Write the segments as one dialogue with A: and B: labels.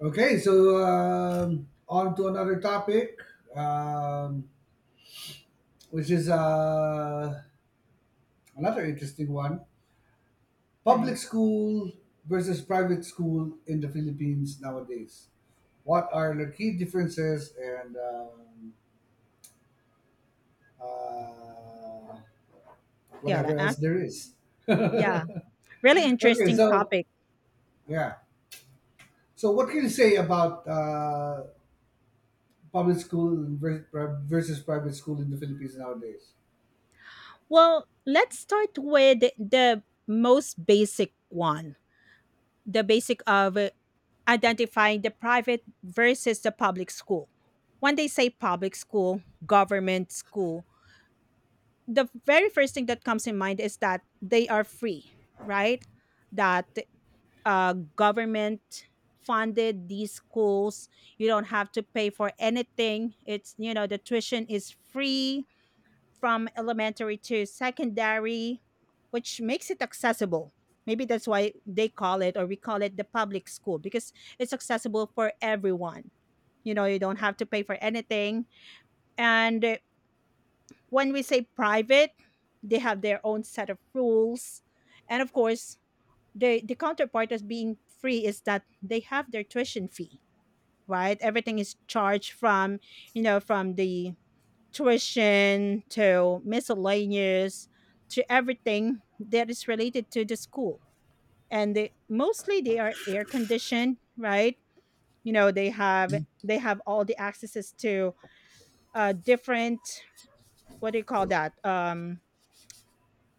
A: Okay, on to another topic, um, which is another interesting one, public
B: Right.
A: school versus private school in the Philippines nowadays. What are the key differences and uh,
B: Yeah,
A: whatever
B: the
A: else
B: action.
A: there is?
B: Yeah, really
A: Okay,
B: interesting
A: so
B: topic.
A: yeah. So, what can you say about public school ver- versus private school in the Philippines nowadays?
B: Well, let's start with the most basic one, the basic of identifying the private versus the public school. When they say public school, government school, the very first thing that comes in mind is that they are free, right? That Government funded these schools. You don't have to pay for anything. It's, the tuition is free from elementary to secondary, which makes it accessible. Maybe that's why they call it, or we call it, the public school because it's accessible for everyone. You don't have to pay for anything. And when we say private, they have their own set of rules. And of course, the counterpart as being free is that they have their tuition fee, right? Everything is charged from the tuition, to miscellaneous, to everything that is related to the school, and they are air conditioned, right? They have they have all the accesses to different, what do you call that,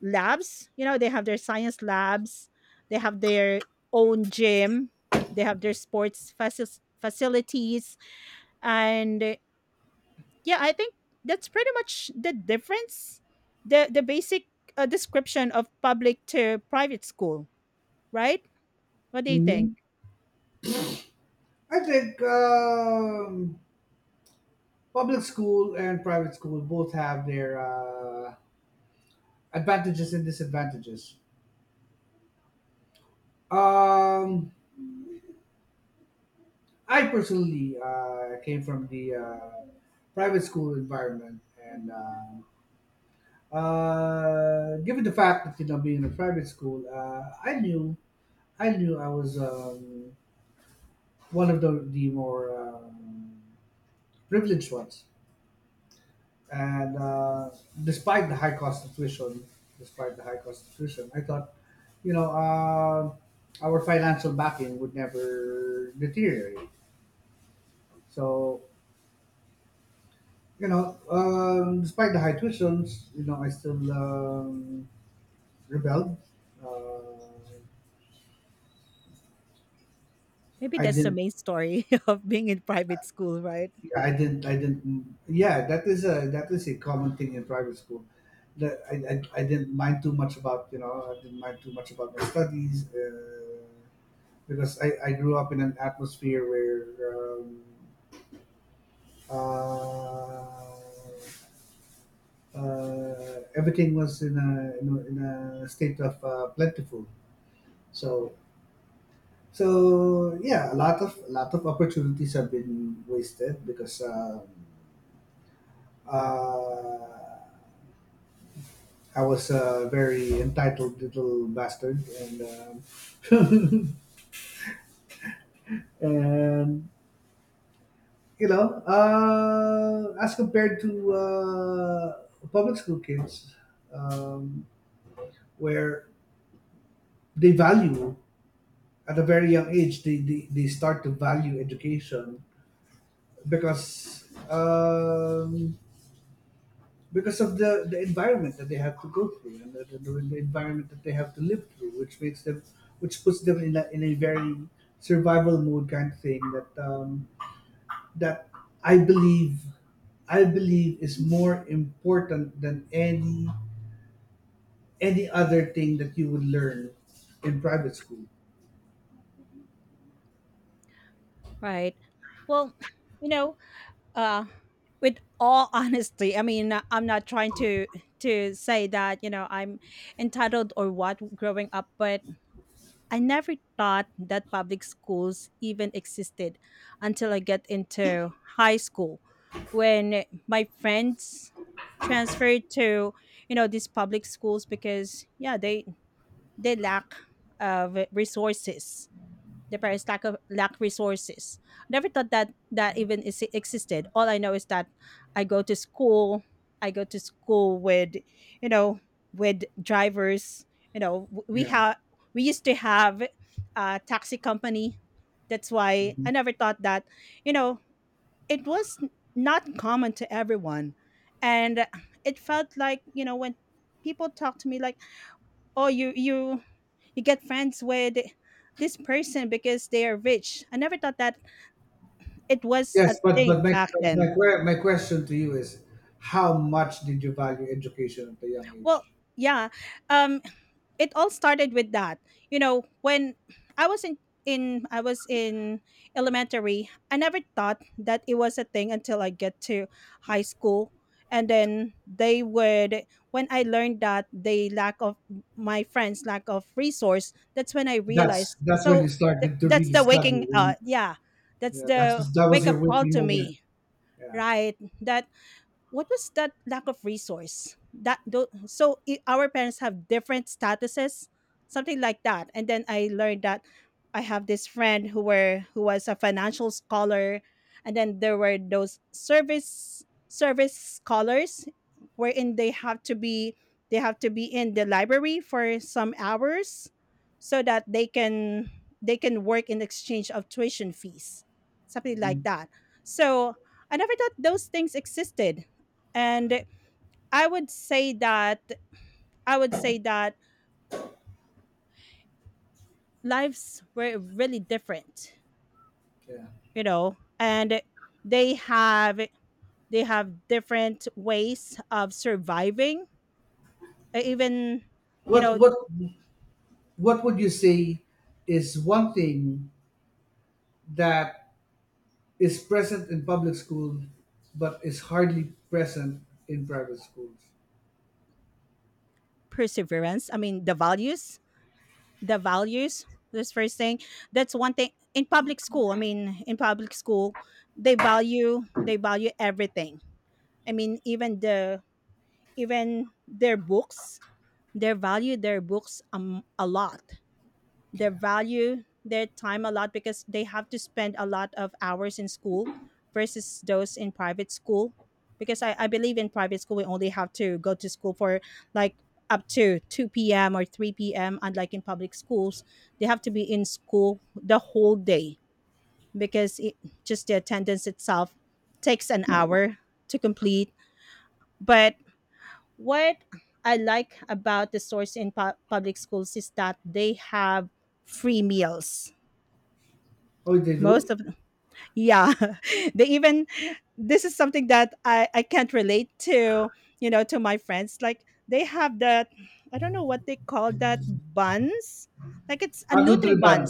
B: labs. They have their science labs. They have their own gym. They have their sports facilities. And yeah, I think that's pretty much the difference, the basic description of public to private school, right? What do you think?
A: hmm I think public school and private school both have their advantages and disadvantages. Um, I personally came from the private school environment, and given the fact that being in a private school, I knew I was one of the more privileged ones. And despite the high cost of tuition, despite the high cost of tuition, I thought, you know, our financial backing would never deteriorate. So, you know, despite the high tuitions, you know, I still rebelled. Uh,
B: Maybe
A: I
B: that's the
A: didn't.
B: main story of being in private school, right?
A: I didn't. Yeah, that is a common thing in private school that I didn't mind too much about, I didn't mind too much about my studies. Because I grew up in an atmosphere where uh, everything was in a state of plentiful. So so yeah, a lot of opportunities have been wasted because uh, I was a very entitled little bastard. And. Um, and you know, as compared to public school kids, um, where they value at a very young age, they start to value education because um, because of the environment that they have to go through and the environment that they have to live through, which makes them, which puts them in a very survival mode kind of thing that that I believe I believe is more important than any other thing that you would learn in private school.
B: Right. Well, you know, uh, with all honesty, I mean, I'm not trying to say that I'm entitled or what growing up, but I never thought that public schools even existed until I get into high school when my friends transferred to these public schools because yeah, they lack of resources, the parents lack resources. Never thought that that even existed. All I know is that I go to school. I go to school you know, with drivers. You know, w- we
A: Yeah.
B: have we used to have a taxi company. That's why I
A: Mhm.
B: never thought that, you know, it was not common to everyone, and it felt like when people talk to me like, oh, you get friends with this person because they are rich. I never thought that it was a
A: Yes, but
B: thing back then.
A: my question to you is, how much did you value education at a young age?
B: Well, yeah. Um it all started with that. When I was in I was in elementary, I never thought that it was a thing until I get to high school. And then they would when I learned that they lack of my friends lack of resource, that's when I
A: That's
B: realized.
A: that's when you
B: So th-
A: started to
B: that's
A: really
B: the
A: study.
B: waking uh
A: When,
B: yeah, that's
A: yeah, that's
B: the
A: was that was
B: wake
A: your
B: up call
A: weekly
B: to
A: moment.
B: me,
A: Yeah.
B: right? That, what was that lack of resource that tho- so I- our parents have different statuses, something like that, and then I learned that I have this friend who was a financial scholar, and then there were those service scholars, wherein they have to be in the library for some hours so that they can work in exchange of tuition fees, something like
A: Mhm.
B: that. So I never thought those things existed, and i would say that I would say that lives were really different.
A: Yeah.
B: And they have they have different ways of surviving, even, you
A: What
B: know
A: what what would you say is one thing that is present in public school but is hardly present in private schools?
B: perseverance. I mean the values, this first thing, that's one thing in public school. I mean, in public school they value everything. I mean, even their books. They value their books a lot. They
A: Yeah.
B: value their time a lot because they have to spend a lot of hours in school versus those in private school. Because I believe in private school, we only have to go to school for like up to 2 p.m. or 3 p.m. Unlike in public schools, they have to be in school the whole day because it, just the attendance itself, takes an hour to complete. But what I like about the source in public schools is that they have free meals.
A: Oh, they do?
B: Most of them, yeah, they even this is something that I can't relate to, you know, to my friends. Like they have that, I don't know what they call that, buns. Like it's a
A: Ah,
B: nutri
A: Nutriban.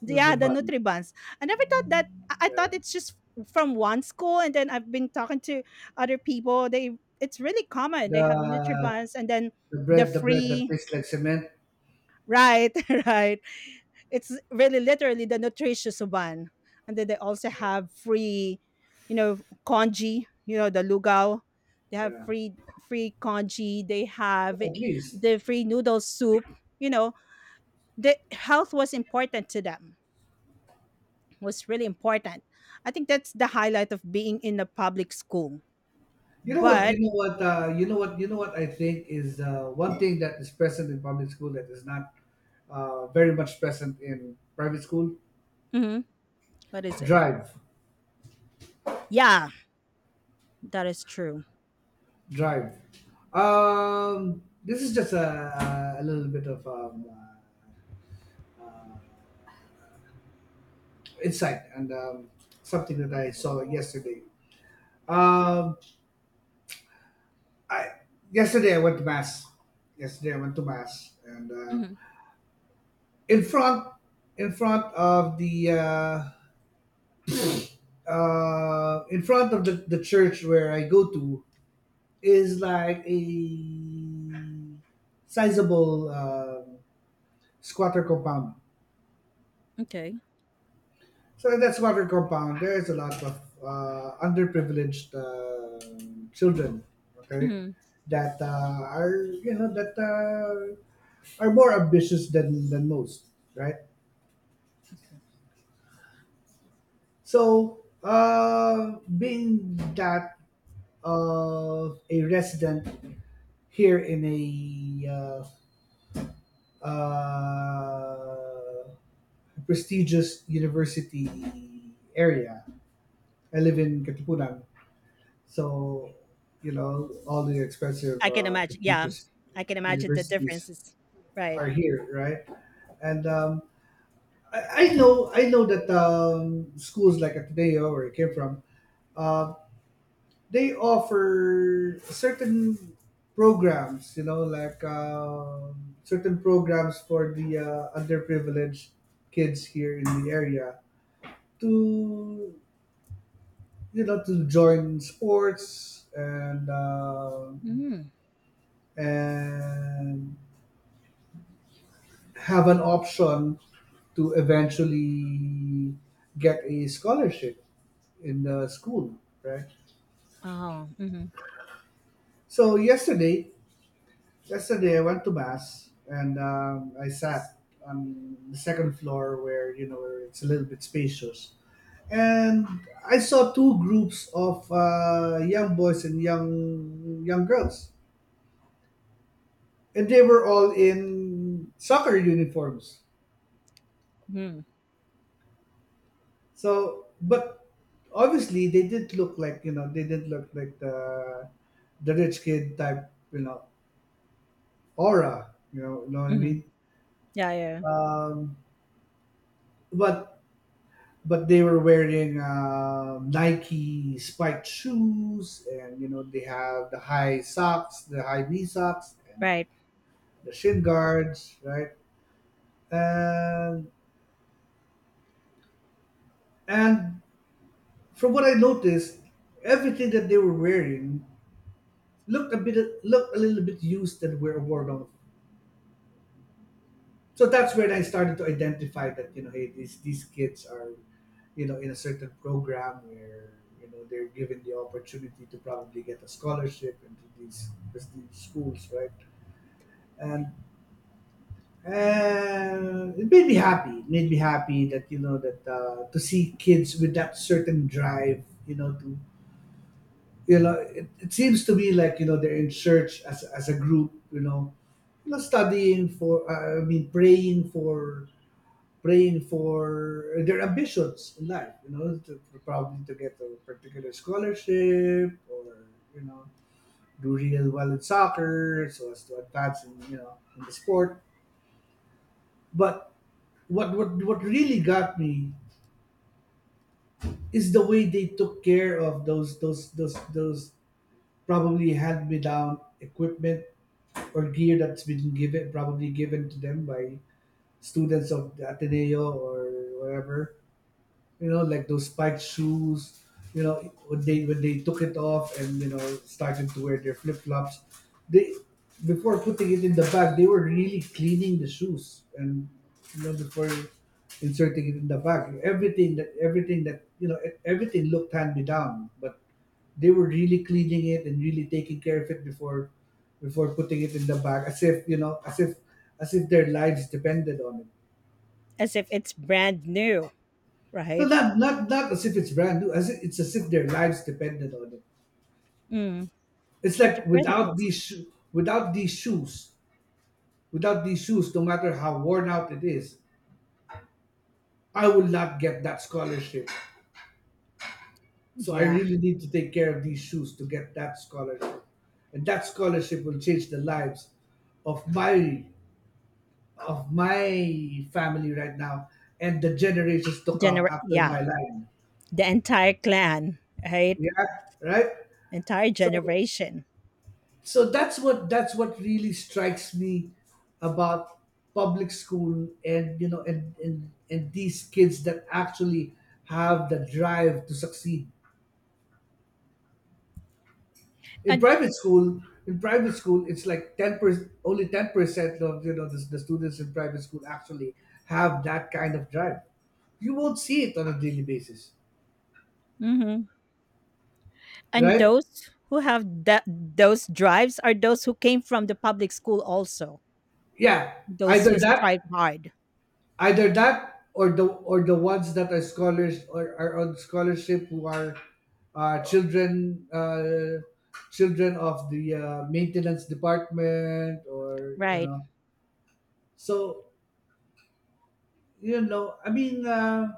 B: yeah, the
A: Nutriban.
B: nutribans. I never thought that. I
A: Yeah.
B: thought it's just from one school, and then I've been talking to other people. They It's really common. They have
A: The
B: nutribans, and then
A: the
B: the
A: bread, the bread that
B: free.
A: tastes like cement.
B: Right, right. It's really literally the nutritious uban, and then they also have free, you know, congee. The lugao. They have
A: Yeah.
B: free congee. They have
A: Well, at least.
B: the free noodle soup. You know, the health was really important. I think that's the highlight of being in a public school.
A: You know what?
B: But
A: You know what? I think is one thing that is present in public school that is not very much present in private school.
B: mhm, what is it?
A: Drive.
B: Yeah, that is true.
A: Drive. This is just a little bit of uh, uh, insight and something that I saw yesterday. Um, I yesterday I went to mass. Yesterday I went to mass, and
B: Hmm.
A: in front, in front of the, uh, in front of the church where I go to is like a sizable squatter compound.
B: Okay.
A: So that's that squatter compound, there is a lot of underprivileged children, okay,
B: Hmm.
A: that are, you know, that are more ambitious than most, right?
B: Okay.
A: So being that of a resident here in a uh, uh, prestigious university area, I live in Katipunan. So, you know, all the expensive,
B: I can imagine. Yeah,
A: prestigious
B: I can imagine the
A: universities
B: differences. Right.
A: are here, right? And I know that schools like Ateneo, where I came from, uh, they offer certain programs, you know, like certain programs for the underprivileged kids here in the area to, you know, to join sports. and. um
B: Mm.
A: and have an option to eventually get a scholarship in the school, right?
B: Oh. Mm-hmm.
A: So yesterday, yesterday I went to mass and I sat on the second floor where, you know, where it's a little bit spacious, and I saw two groups of young boys and young girls, and they were all in soccer uniforms.
B: Hmm.
A: So, but obviously, they did look like, you know, they did look like the rich kid type, you know, aura. You know what I
B: Hmm.
A: mean.
B: Yeah. Yeah.
A: Um, but but they were wearing Nike spiked shoes, and you know they have the high socks, the high knee socks, and
B: Right.
A: the shin guards, right? And and from what I noticed, everything that they were wearing looked a bit looked a little bit used and were worn out, so that's when I started to identify that, you know, hey, these kids are, you know, in a certain program where, you know, they're given the opportunity to probably get a scholarship into these prestigious schools, right? And it made me happy that, you know, that to see kids with that certain drive, you know, to, you know, it seems to me like, you know, they're in church as a group, you know, you know, studying for, I mean, praying for, praying for their ambitions in life, you know, to probably to get a particular scholarship or, you know, do real well in soccer so as to advance in, you know, in the sport. But what really got me is the way they took care of those, those probably hand-me-down equipment or gear that's been given, probably given to them by students of the Ateneo or whatever, you know, like those spiked shoes. You know, when they took it off and you know started to wear their flip flops, they, before putting it in the bag, they were really cleaning the shoes and you know before inserting it in the bag. Everything that you know everything looked hand me down, but they were really cleaning it and really taking care of it before before putting it in the bag, as if you know, as if their lives depended on it.
B: As if it's brand new.
A: No,
B: Right.
A: not as if it's brand new. As if, it's as if their lives depended on it.
B: Mm.
A: It's
B: But it
A: like
B: really
A: without
B: is.
A: these sho- without these shoes, without these shoes, no matter how worn out it is, I will not get that scholarship. So I
B: Yeah.
A: really need to take care of these shoes to get that scholarship, and that scholarship will change the lives of my of my family right now and the generations to come after
B: Yeah.
A: my life.
B: The entire clan. Right.
A: Yeah, right.
B: Entire
A: So
B: generation.
A: so that's what really strikes me about public school and you know and these kids that actually have the drive to succeed in
B: And.
A: private school. In private school it's like 10% only 10% of you know the students in private school actually have that kind of drive. You won't see it on a daily basis,
B: Mhm. And
A: right?
B: those who have that, those drives are those who came from the public school also,
A: Yeah,
B: those who
A: either
B: strive
A: that,
B: hard.
A: either that or the ones that are scholars or are on scholarship who are uh, children uh, children of the maintenance department or you
B: Right.
A: know. So you know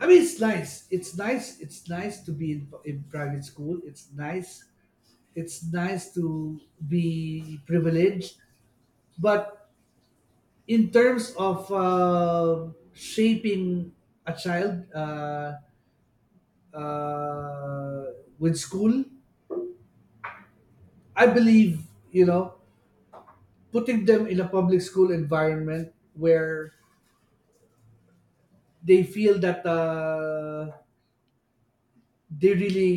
A: I mean it's nice it's nice to be in private school, it's nice, it's nice to be privileged, but in terms of shaping a child with school. I believe, you know, putting them in a public school environment where they feel that they really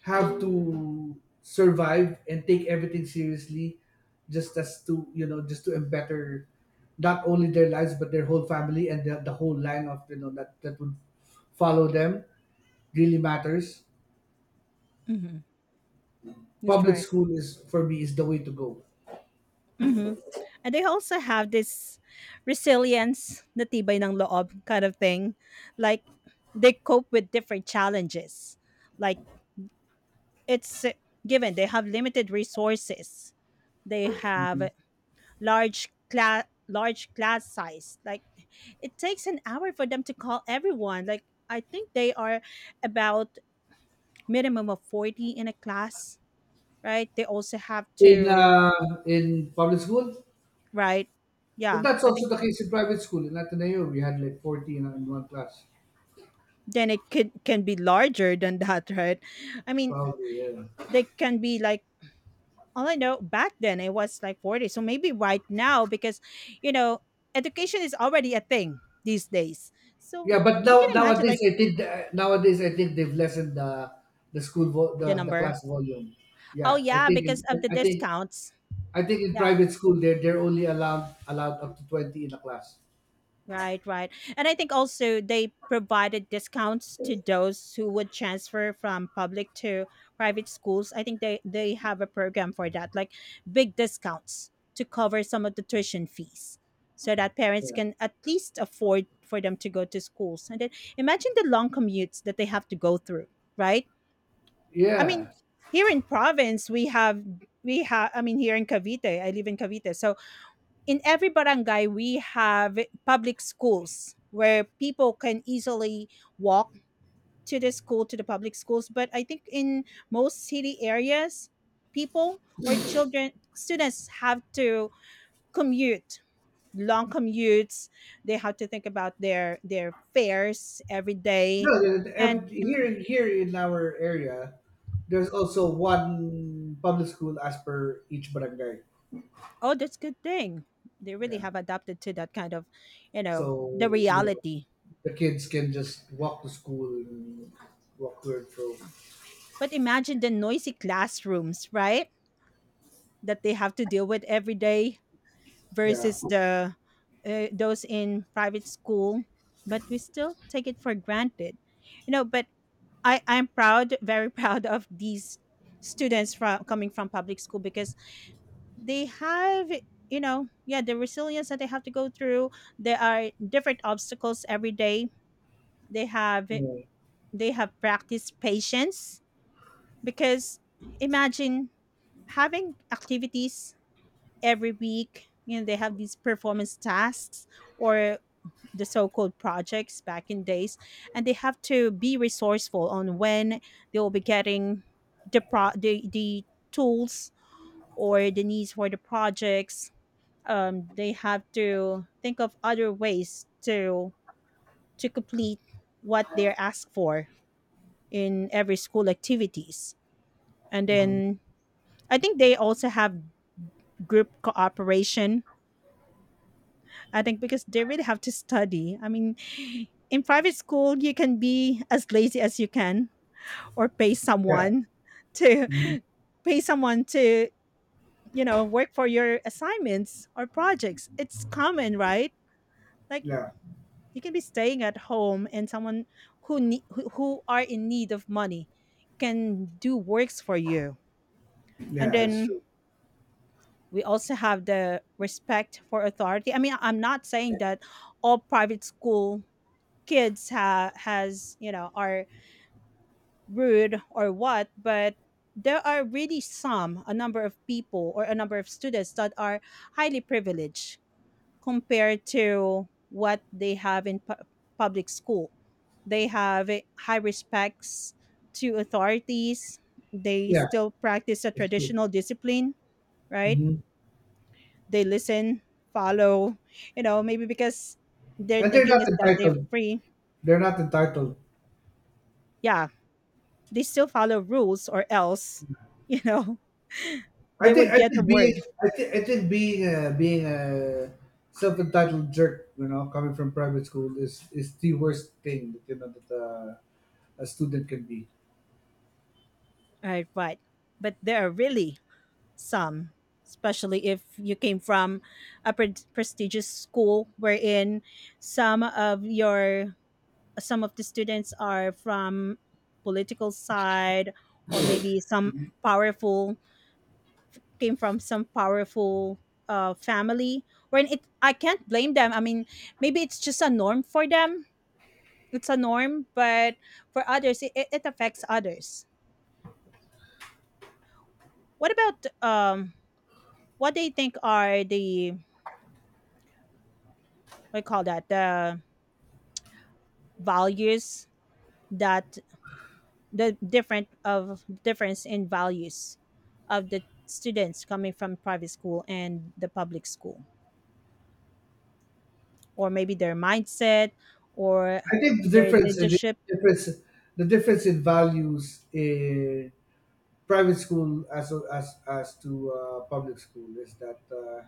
A: have to survive and take everything seriously just as to, you know, just to better not only their lives but their whole family and the whole line of, you know, that, that would follow them, really matters.
B: Hmm. That's
A: Public
B: right.
A: school is, for me, is the way to go.
B: hmm and they also have this resilience, natibay ng loob kind of thing. Like they cope with different challenges. Like it's, given, they have limited resources. They have large class size. Like it takes an hour for them to call everyone. Like I think they are about minimum of 40 in a class, right? They also have
A: in
B: to.
A: uh, in public school.
B: Right.
A: But
B: Yeah,
A: that's
B: I
A: also
B: think,
A: the case in private school. In Ateneo, we had like 40 in one class.
B: then it could can be larger than that, right? I mean,
A: Probably, yeah.
B: they can be like, all I know back then it was like 40. So maybe right now, because you know education is already a thing these days, so
A: Yeah, but
B: you
A: now
B: can imagine,
A: nowadays
B: like,
A: I think the, nowadays I think they've lessened the
B: the
A: the
B: number.
A: class volume.
B: Oh
A: Yeah,
B: yeah, because of the discounts.
A: I think in
B: Yeah,
A: private school they're only allowed up to 20 in a class.
B: right, right. And I think also they provided discounts to those who would transfer from public to private schools. I think they have a program for that, like big discounts to cover some of the tuition fees so that parents
A: Yeah.
B: can at least afford for them to go to schools. And then imagine the long commutes that they have to go through, right? I mean,
A: Yeah.
B: here in province we have I mean, here in Cavite, I live in Cavite. So in every barangay we have public schools where people can easily walk to the public schools, but I think in most city areas, people, or children, students have to commute, long commutes. They have to think about their fares every day.
A: No,
B: And
A: here here in our area, there's also one public school as per each barangay.
B: Oh, that's good thing. They really
A: Yeah.
B: have adapted to that kind of, the
A: So you know
B: reality.
A: the kids can just walk to school and walk to and fro.
B: But imagine the noisy classrooms, right, that they have to deal with every day
A: Yeah,
B: versus the, those in private school. But we still take it for granted, but I'm proud, very proud of these students from coming from public school because they have, yeah, the resilience that they have to go through. There are different obstacles every day. They have
A: yeah,
B: they have practiced patience, because imagine having activities every week. They have these performance tasks, or the so-called projects back in days, and they have to be resourceful on when they will be getting the tools, or the needs for the projects. They have to think of other ways to complete what they're asked for in every school activities. And
A: hmm
B: then I think they also have group cooperation. I think because they really have to study. I mean, in private school, you can be as lazy as you can, or pay
A: yeah,
B: someone to
A: hmm
B: pay someone to, work for your assignments or projects. It's common, right? Like,
A: yeah,
B: you can be staying at home, and someone who are in need of money can do works for you. And
A: yeah. That's
B: then
A: true.
B: we also have the respect for authority. I mean, I'm not saying that all private school kids ha- has you know are rude or what, but there are really some a number of people or a number of students that are highly privileged compared to what they have in public school. They have high respects to authorities. They
A: Yeah,
B: still practice a
A: that's true.
B: traditional discipline, right?
A: Hmm.
B: They listen, follow, you know, maybe because their
A: And they're
B: thinking
A: not
B: is that they're
A: entitled.
B: free.
A: They're not entitled.
B: Yeah, they still follow rules or else, you know, they would
A: I
B: get a
A: think being.
B: word.
A: I think being a self entitled jerk, you know, coming from private school is the worst thing that you know that a student can be.
B: Right, right. But there are really some, especially if you came from a prestigious school wherein some of your some of the students are from political side, or maybe some powerful, came from some powerful family, wherein it I can't blame them. I mean, maybe it's just a norm for them. It's a norm, but for others, it affects others. What about what they think are the, what do you call that, the values that the different of difference in values of the students coming from private school and the public school, or maybe their mindset, or
A: I think the
B: their
A: difference,
B: leadership.
A: difference, the difference in values in private school as to public school is that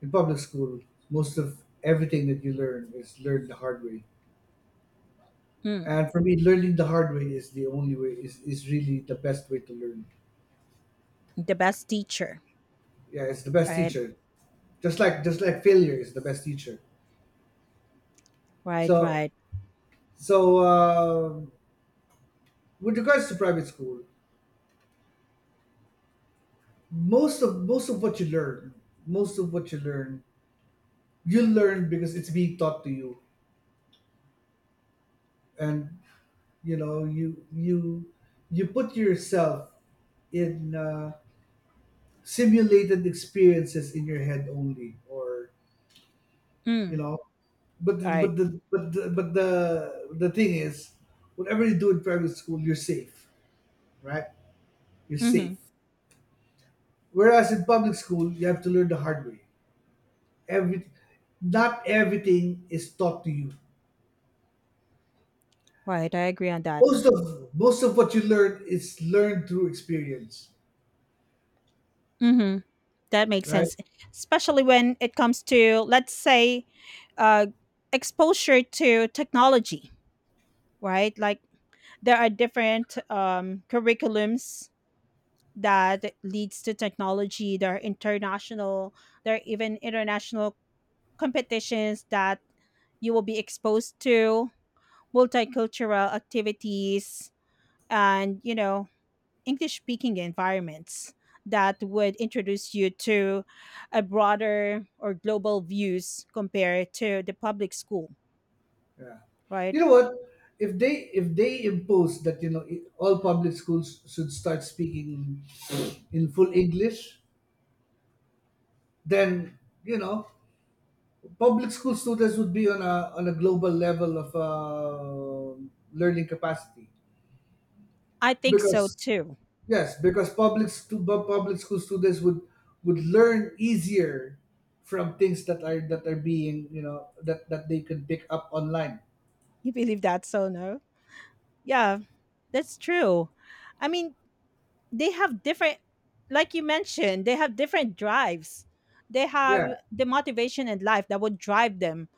A: in public school most of everything that you learn is learned the hard way.
B: Mm,
A: And for me, learning the hard way is the only way, is really the best way to learn.
B: the best teacher,
A: Yeah, it's the best
B: right?
A: teacher. Just like failure is the best teacher.
B: Right,
A: So
B: right.
A: so with regards to private school, most of what you learn, most of what you learn, you learn because it's being taught to you, and you know you you you put yourself in simulated experiences in your head only. Or you
B: Mm,
A: know
B: right.
A: but the but the, but the thing is, whatever you do in private school, you're safe, right? You're
B: Mm-hmm.
A: safe. Whereas in public school, you have to learn the hard way. Every Not everything is taught to you.
B: Right, I agree on that.
A: Most of most of what you learn is learned through experience,
B: Mm-hmm. That makes
A: right?
B: sense, especially when it comes to, let's say, uh, exposure to technology, right? Like there are different curriculums that leads to technology. There are international, there are even international competitions that you will be exposed to multicultural activities, and you know, English speaking environments that would introduce you to a broader or global views compared to the public school,
A: Yeah,
B: right?
A: you know what, if they impose that, you know, all public schools should start speaking in full English, then, you know, public school students would be on a global level of learning capacity.
B: I think so
A: Because
B: too.
A: yes, because public school students would learn easier from things that are being, you know, that that they can pick up online.
B: You believe that so no? Yeah, that's true. I mean, they have different, like you mentioned, they have different drives. They
A: Yeah,
B: have the motivation in life that would drive them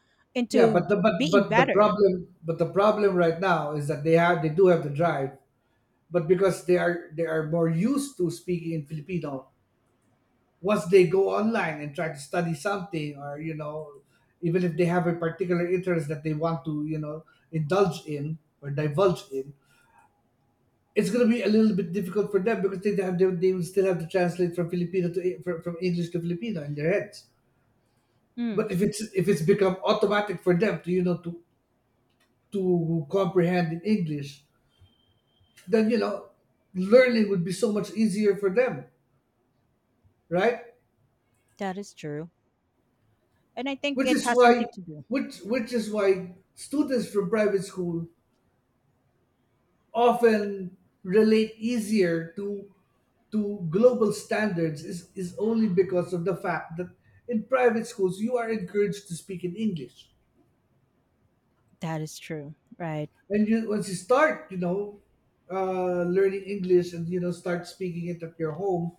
A: yeah,
B: into being better.
A: but the problem right now is that they do have the drive, but because they are more used to speaking in Filipino. Once they go online and try to study something, or, you know, even if they have a particular interest that they want to, you know, indulge in or divulge in, it's going to be a little bit difficult for them because they will still have to translate from English to Filipino in their heads.
B: Mm,
A: But if it's become automatic for them to, you know, to comprehend in English, then, you know, learning would be so much easier for them, right?
B: that is true. And I think
A: Which
B: it
A: is
B: has
A: why
B: something to do.
A: which is why students from private school often relate easier to global standards is only because of the fact that in private schools you are encouraged to speak in English.
B: That is true. Right.
A: And you, once you start, you know, learning English, and you know, start speaking it at your home,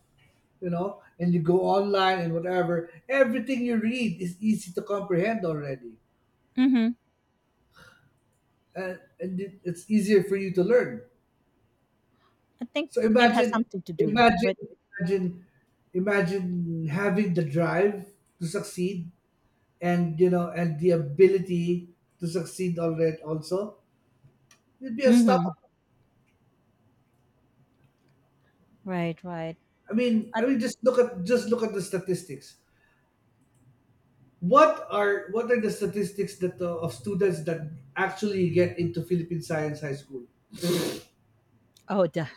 A: you know, and you go online and whatever, everything you read is easy to comprehend already.
B: Mhm.
A: And it's easier for you to learn.
B: I think
A: So
B: it has something to do with.
A: imagine, imagine, imagine having the drive to succeed, and you know, and the ability to succeed already. Also, it'd be
B: Mhm.
A: unstoppable.
B: Right, right. I,
A: I mean, just look at the statistics. What are, what are the statistics that of students that actually get into Philippine Science High School?
B: oh, the,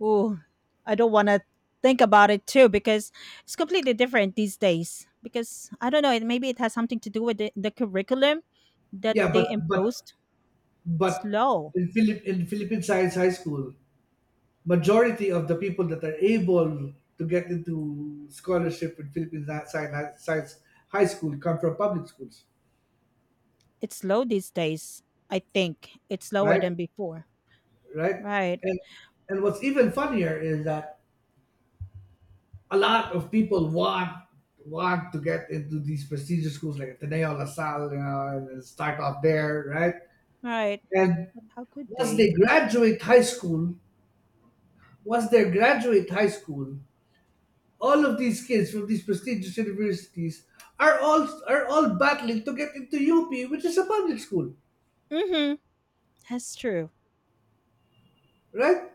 B: ooh, I don't want to think about it too, because it's completely different these days. Because I don't know, it, maybe it has something to do with the curriculum that
A: Yeah,
B: they imposed. It's
A: but
B: low.
A: in Philippine Science High School, majority of the people that are able to get into scholarship in science high school come from public schools,
B: It's low these days. I think it's lower
A: right?
B: than before.
A: Right?
B: Right.
A: And what's even funnier is that a lot of people want to get into these prestigious schools like Ateneo, La Salle, you know, and start off there, right?
B: Right.
A: And
B: How could
A: once they
B: they?
A: graduate high school, once they graduate high school, all of these kids from these prestigious universities are all battling to get into UP, which is a public school,
B: Mm-hmm. That's true.
A: right?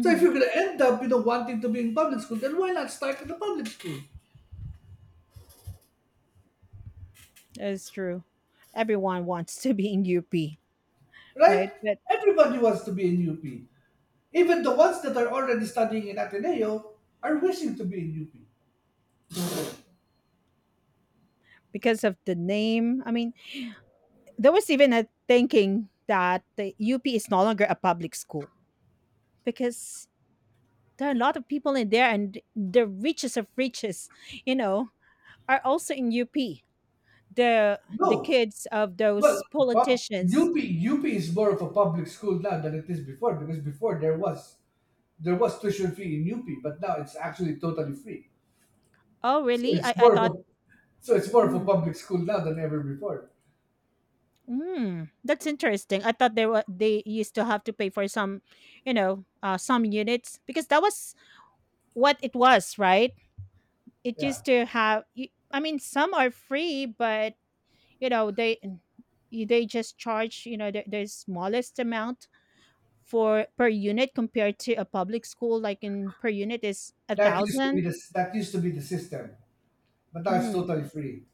A: So if you're gonna end up, you know, wanting to be in public school, then why not start in the public school,
B: That's true. Everyone wants to be in UP,
A: right?
B: right? But
A: Everybody wants to be in UP. Even the ones that are already studying in Ateneo are wishing to be in UP.
B: because of the name, I mean, there was even a thinking that the UP is no longer a public school. Because there are a lot of people in there and the richest of riches you know are also in up. The
A: No,
B: kids of
A: well,
B: those
A: pub-
B: politicians.
A: UP, UP is more of a public school now than it is before, because before there was tuition fee in UP, but now it's actually totally free.
B: Oh
A: So
B: really, i
A: it's
B: i
A: more of
B: thought,
A: a, so it's more of a
B: mm,
A: public school now than ever before.
B: mm, that's interesting. I thought they were, they used to have to pay for some, you know, some units, because that was what it was, right? It
A: Yeah,
B: used to have I mean some are free, but you know they just charge, you know, the smallest amount for per unit, compared to a public school like in per unit is a thousand.
A: that used to be the system, but now it's
B: Mm.
A: totally free.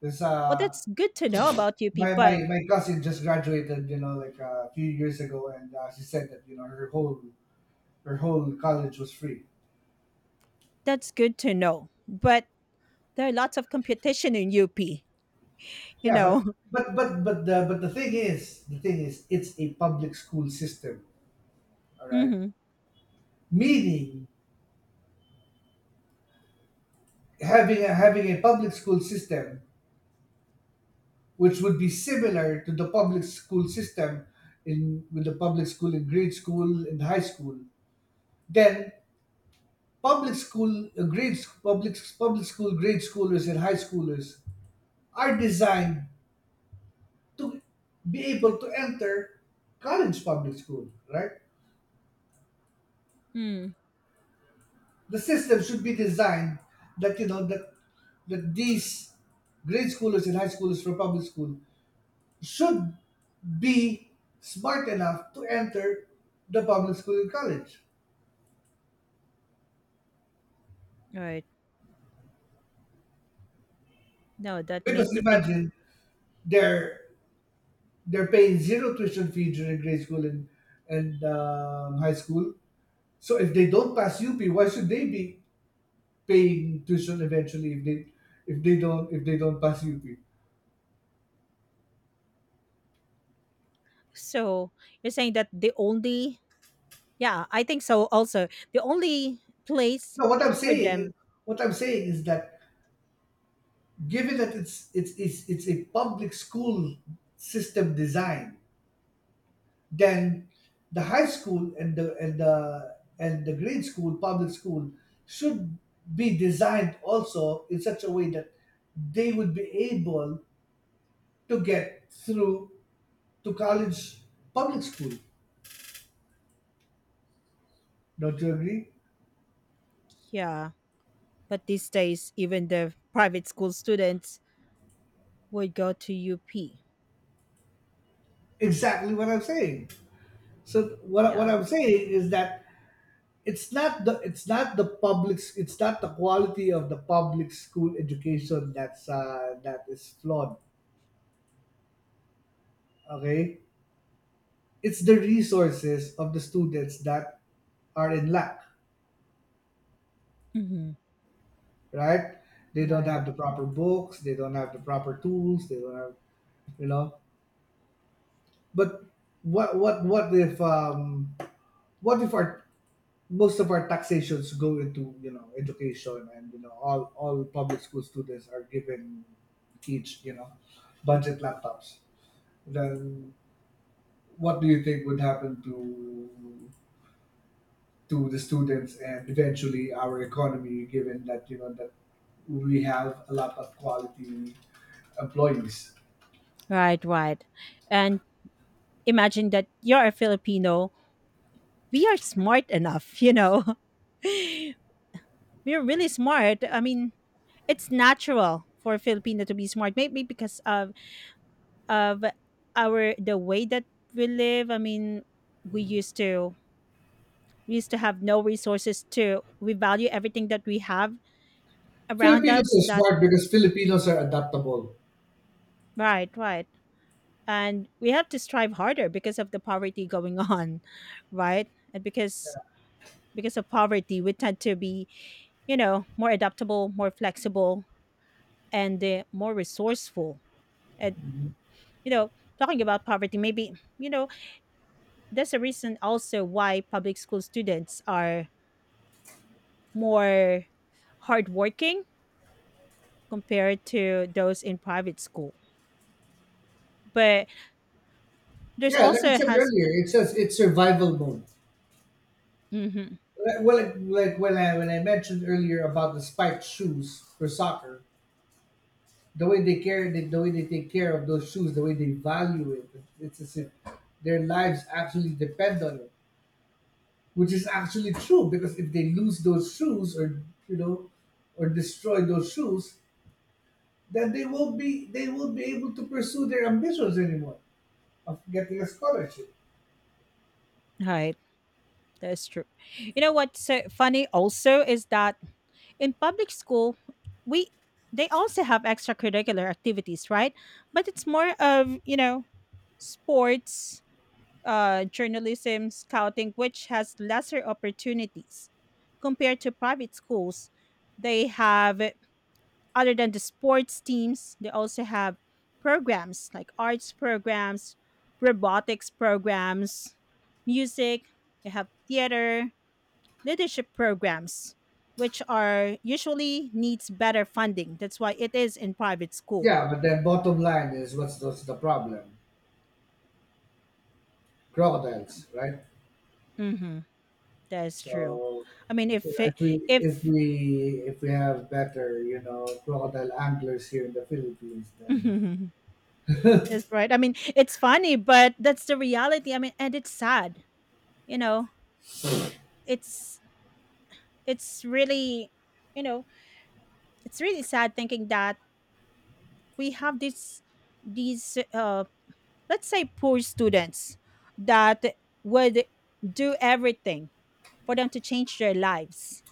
A: There's
B: Well
A: uh,
B: that's good to know about up, but
A: my cousin just graduated, you know, like a few years ago, and she said that, you know, her whole college was free.
B: that's good to know, but there are lots of competition in up, you
A: Yeah,
B: know.
A: but the thing is, it's a public school system. All right,
B: Mm-hmm.
A: meaning having a public school system which would be similar to the public school system in, with the public school in grade school and high school. Then public school grades public public school grade schoolers and high schoolers are designed to be able to enter college public school, right?
B: Mm.
A: The system should be designed that, you know, that these grade schoolers and high schoolers from public school should be smart enough to enter the public school in college.
B: Right. No, that made
A: Because
B: me thinking.
A: imagine, they're they're paying zero tuition fee during grade school and, high school. So if they don't pass UP, why should they be paying tuition eventually if they, if they don't pass UP?
B: So you're saying that the only, yeah, I think so also, the only place
A: No,
B: for them,
A: what I'm saying is that, given that it's a public school system design, then the high school and the grade school public school should be designed also in such a way that they would be able to get through to college public school. Don't you agree?
B: yeah, but these days even the private school students would go to up.
A: Exactly what I'm saying. So what,
B: Yeah.
A: what I'm saying is that it's not the publics it's not the quality of the public school education that's that is flawed, okay? It's the resources of the students that are in lack,
B: Hmm.
A: right? They don't
B: Right.
A: have the proper books, they don't have the proper tools, they don't have, you know. But what if um, what if our, most of our taxations go into, you know, education, and you know, all public school students are given, each, you know, budget laptops, then what do you think would happen to the students and eventually our economy, given that, you know, that we have a lot of quality employees?
B: Right, right. And imagine that you're a Filipino. We are smart enough, you know. We're really smart. I mean, it's natural for a Filipino to be smart, maybe because of our the way that we live. I mean, we used to we used to have no resources to, we value everything that we have around
A: Filipinos
B: us
A: are
B: that,
A: smart because Filipinos are adaptable.
B: right, right. And we have to strive harder because of the poverty going on, right? And because of poverty, we tend to be, you know, more adaptable, more flexible, and more resourceful. And, you know, talking about poverty, maybe, you know, that's a reason also why public school students are more hardworking compared to those in private school. But there's
A: Yeah, like I
B: also
A: said
B: has,
A: earlier, it says it's survival mode.
B: mm-hmm,
A: When I mentioned earlier about the spiked shoes for soccer, the way they care, the way they take care of those shoes, the way they value it, it's as if their lives actually depend on it. Which is actually true, because if they lose those shoes, or you know, or destroy those shoes, then they won't be able to pursue their ambitions anymore of getting a scholarship.
B: right, that's true. You know what's funny also is that in public school, we they also have extracurricular activities, right? But it's more of, you know, sports, journalism, scouting, which has lesser opportunities compared to private schools. They have, other than the sports teams, they also have programs like arts programs, robotics programs, music, they have theater, leadership programs, which are usually needs better funding. That's why it is in private school.
A: Yeah, but then bottom line is, what's the problem? Crocodiles, right?
B: Mm-hmm. That's true.
A: So
B: I mean, if it,
A: if we if
B: if,
A: we if we have better, you know, crocodile anglers here in the Philippines,
B: that's
A: then,
B: right. I mean, it's funny, but that's the reality. I mean, and it's sad. You know, it's it's really, you know, it's really sad thinking that we have this these let's say poor students that would do everything for them to change their lives.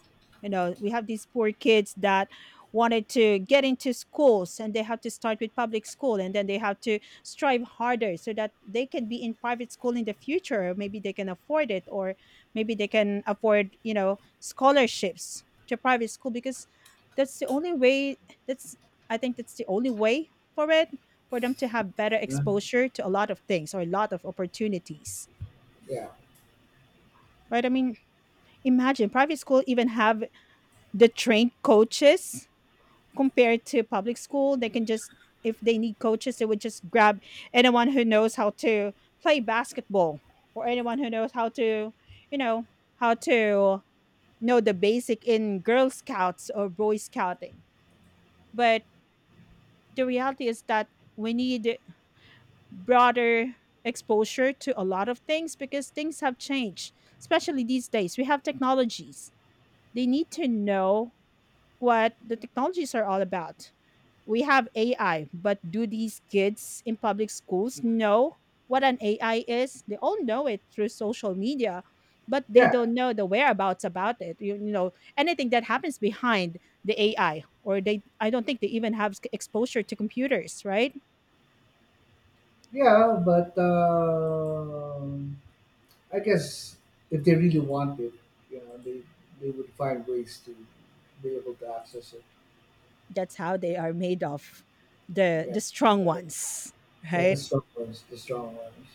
B: You know, we have these poor kids that wanted to get into schools and they have to start with public school and then they have to strive harder so that they can be in private school in the future. Or maybe they can afford it, or maybe they can afford, you know, scholarships to private school, because that's the only way, that's, I think that's the only way for it, for them to have better
A: you know?
B: exposure to a lot of things or a lot of opportunities.
A: yeah,
B: Right? I mean, imagine private school even have the trained coaches, compared to public school they can just, if they need coaches they would just grab anyone who knows how to play basketball, or anyone who knows how to, you know, how to know the basic in girl scouts or boy scouting. But the reality is that we need broader exposure to a lot of things because things have changed, especially these days we have technologies, they need to know what the technologies are all about. We have AI, but do these kids in public schools know what an AI is? They all know it through social media, but they
A: yeah,
B: don't know the whereabouts about it. You know, anything that happens behind the AI, or they, I don't think they even have exposure to computers, right?
A: yeah. But um, I guess if they really want it, you know, they would find ways to be able to access it.
B: That's how they are made of, the
A: Yeah, it's
B: strong
A: better.
B: ones,
A: Yeah, the
B: right?
A: strong ones, the strong ones.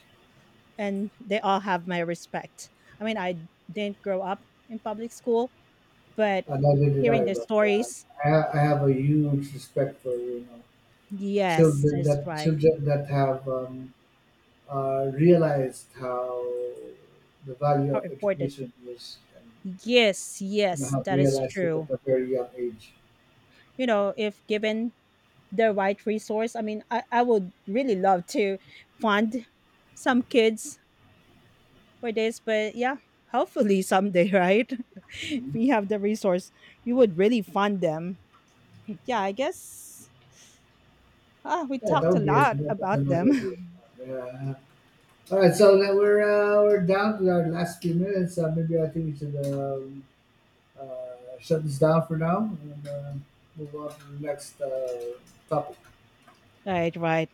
B: And they all have my respect. I mean, I didn't grow up in public school, but
A: Neither did
B: hearing
A: I,
B: their
A: but
B: stories,
A: I, I have a huge respect for, you know,
B: yes, that's right.
A: children that have realized how the value
B: How
A: of
B: important.
A: education is, and
B: Yes,
A: you know,
B: yes,
A: have
B: that is
A: realized it
B: true.
A: at a very young age.
B: You know, if given the right resource, I mean, I would really love to fund some kids for this, but yeah, hopefully someday, right? If
A: Mhm.
B: we have the resource, we would really fund them. Yeah, I guess ah, we
A: Yeah, that
B: talked a
A: would be a,
B: lot
A: that's a
B: about
A: nice
B: them.
A: idea. Yeah. All right, so now we're down to our last few minutes. Maybe I think we should shut this down for now, and move on to the next topic.
B: Right, right.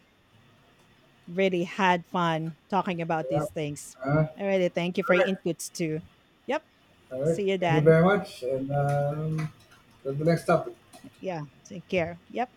B: Really had fun talking about
A: Yeah.
B: these things.
A: All
B: I really thank you for your
A: right,
B: inputs too. Yep.
A: all right.
B: See you
A: Thank you
B: then.
A: very much, and to the next topic.
B: Yeah. Take care. Yep.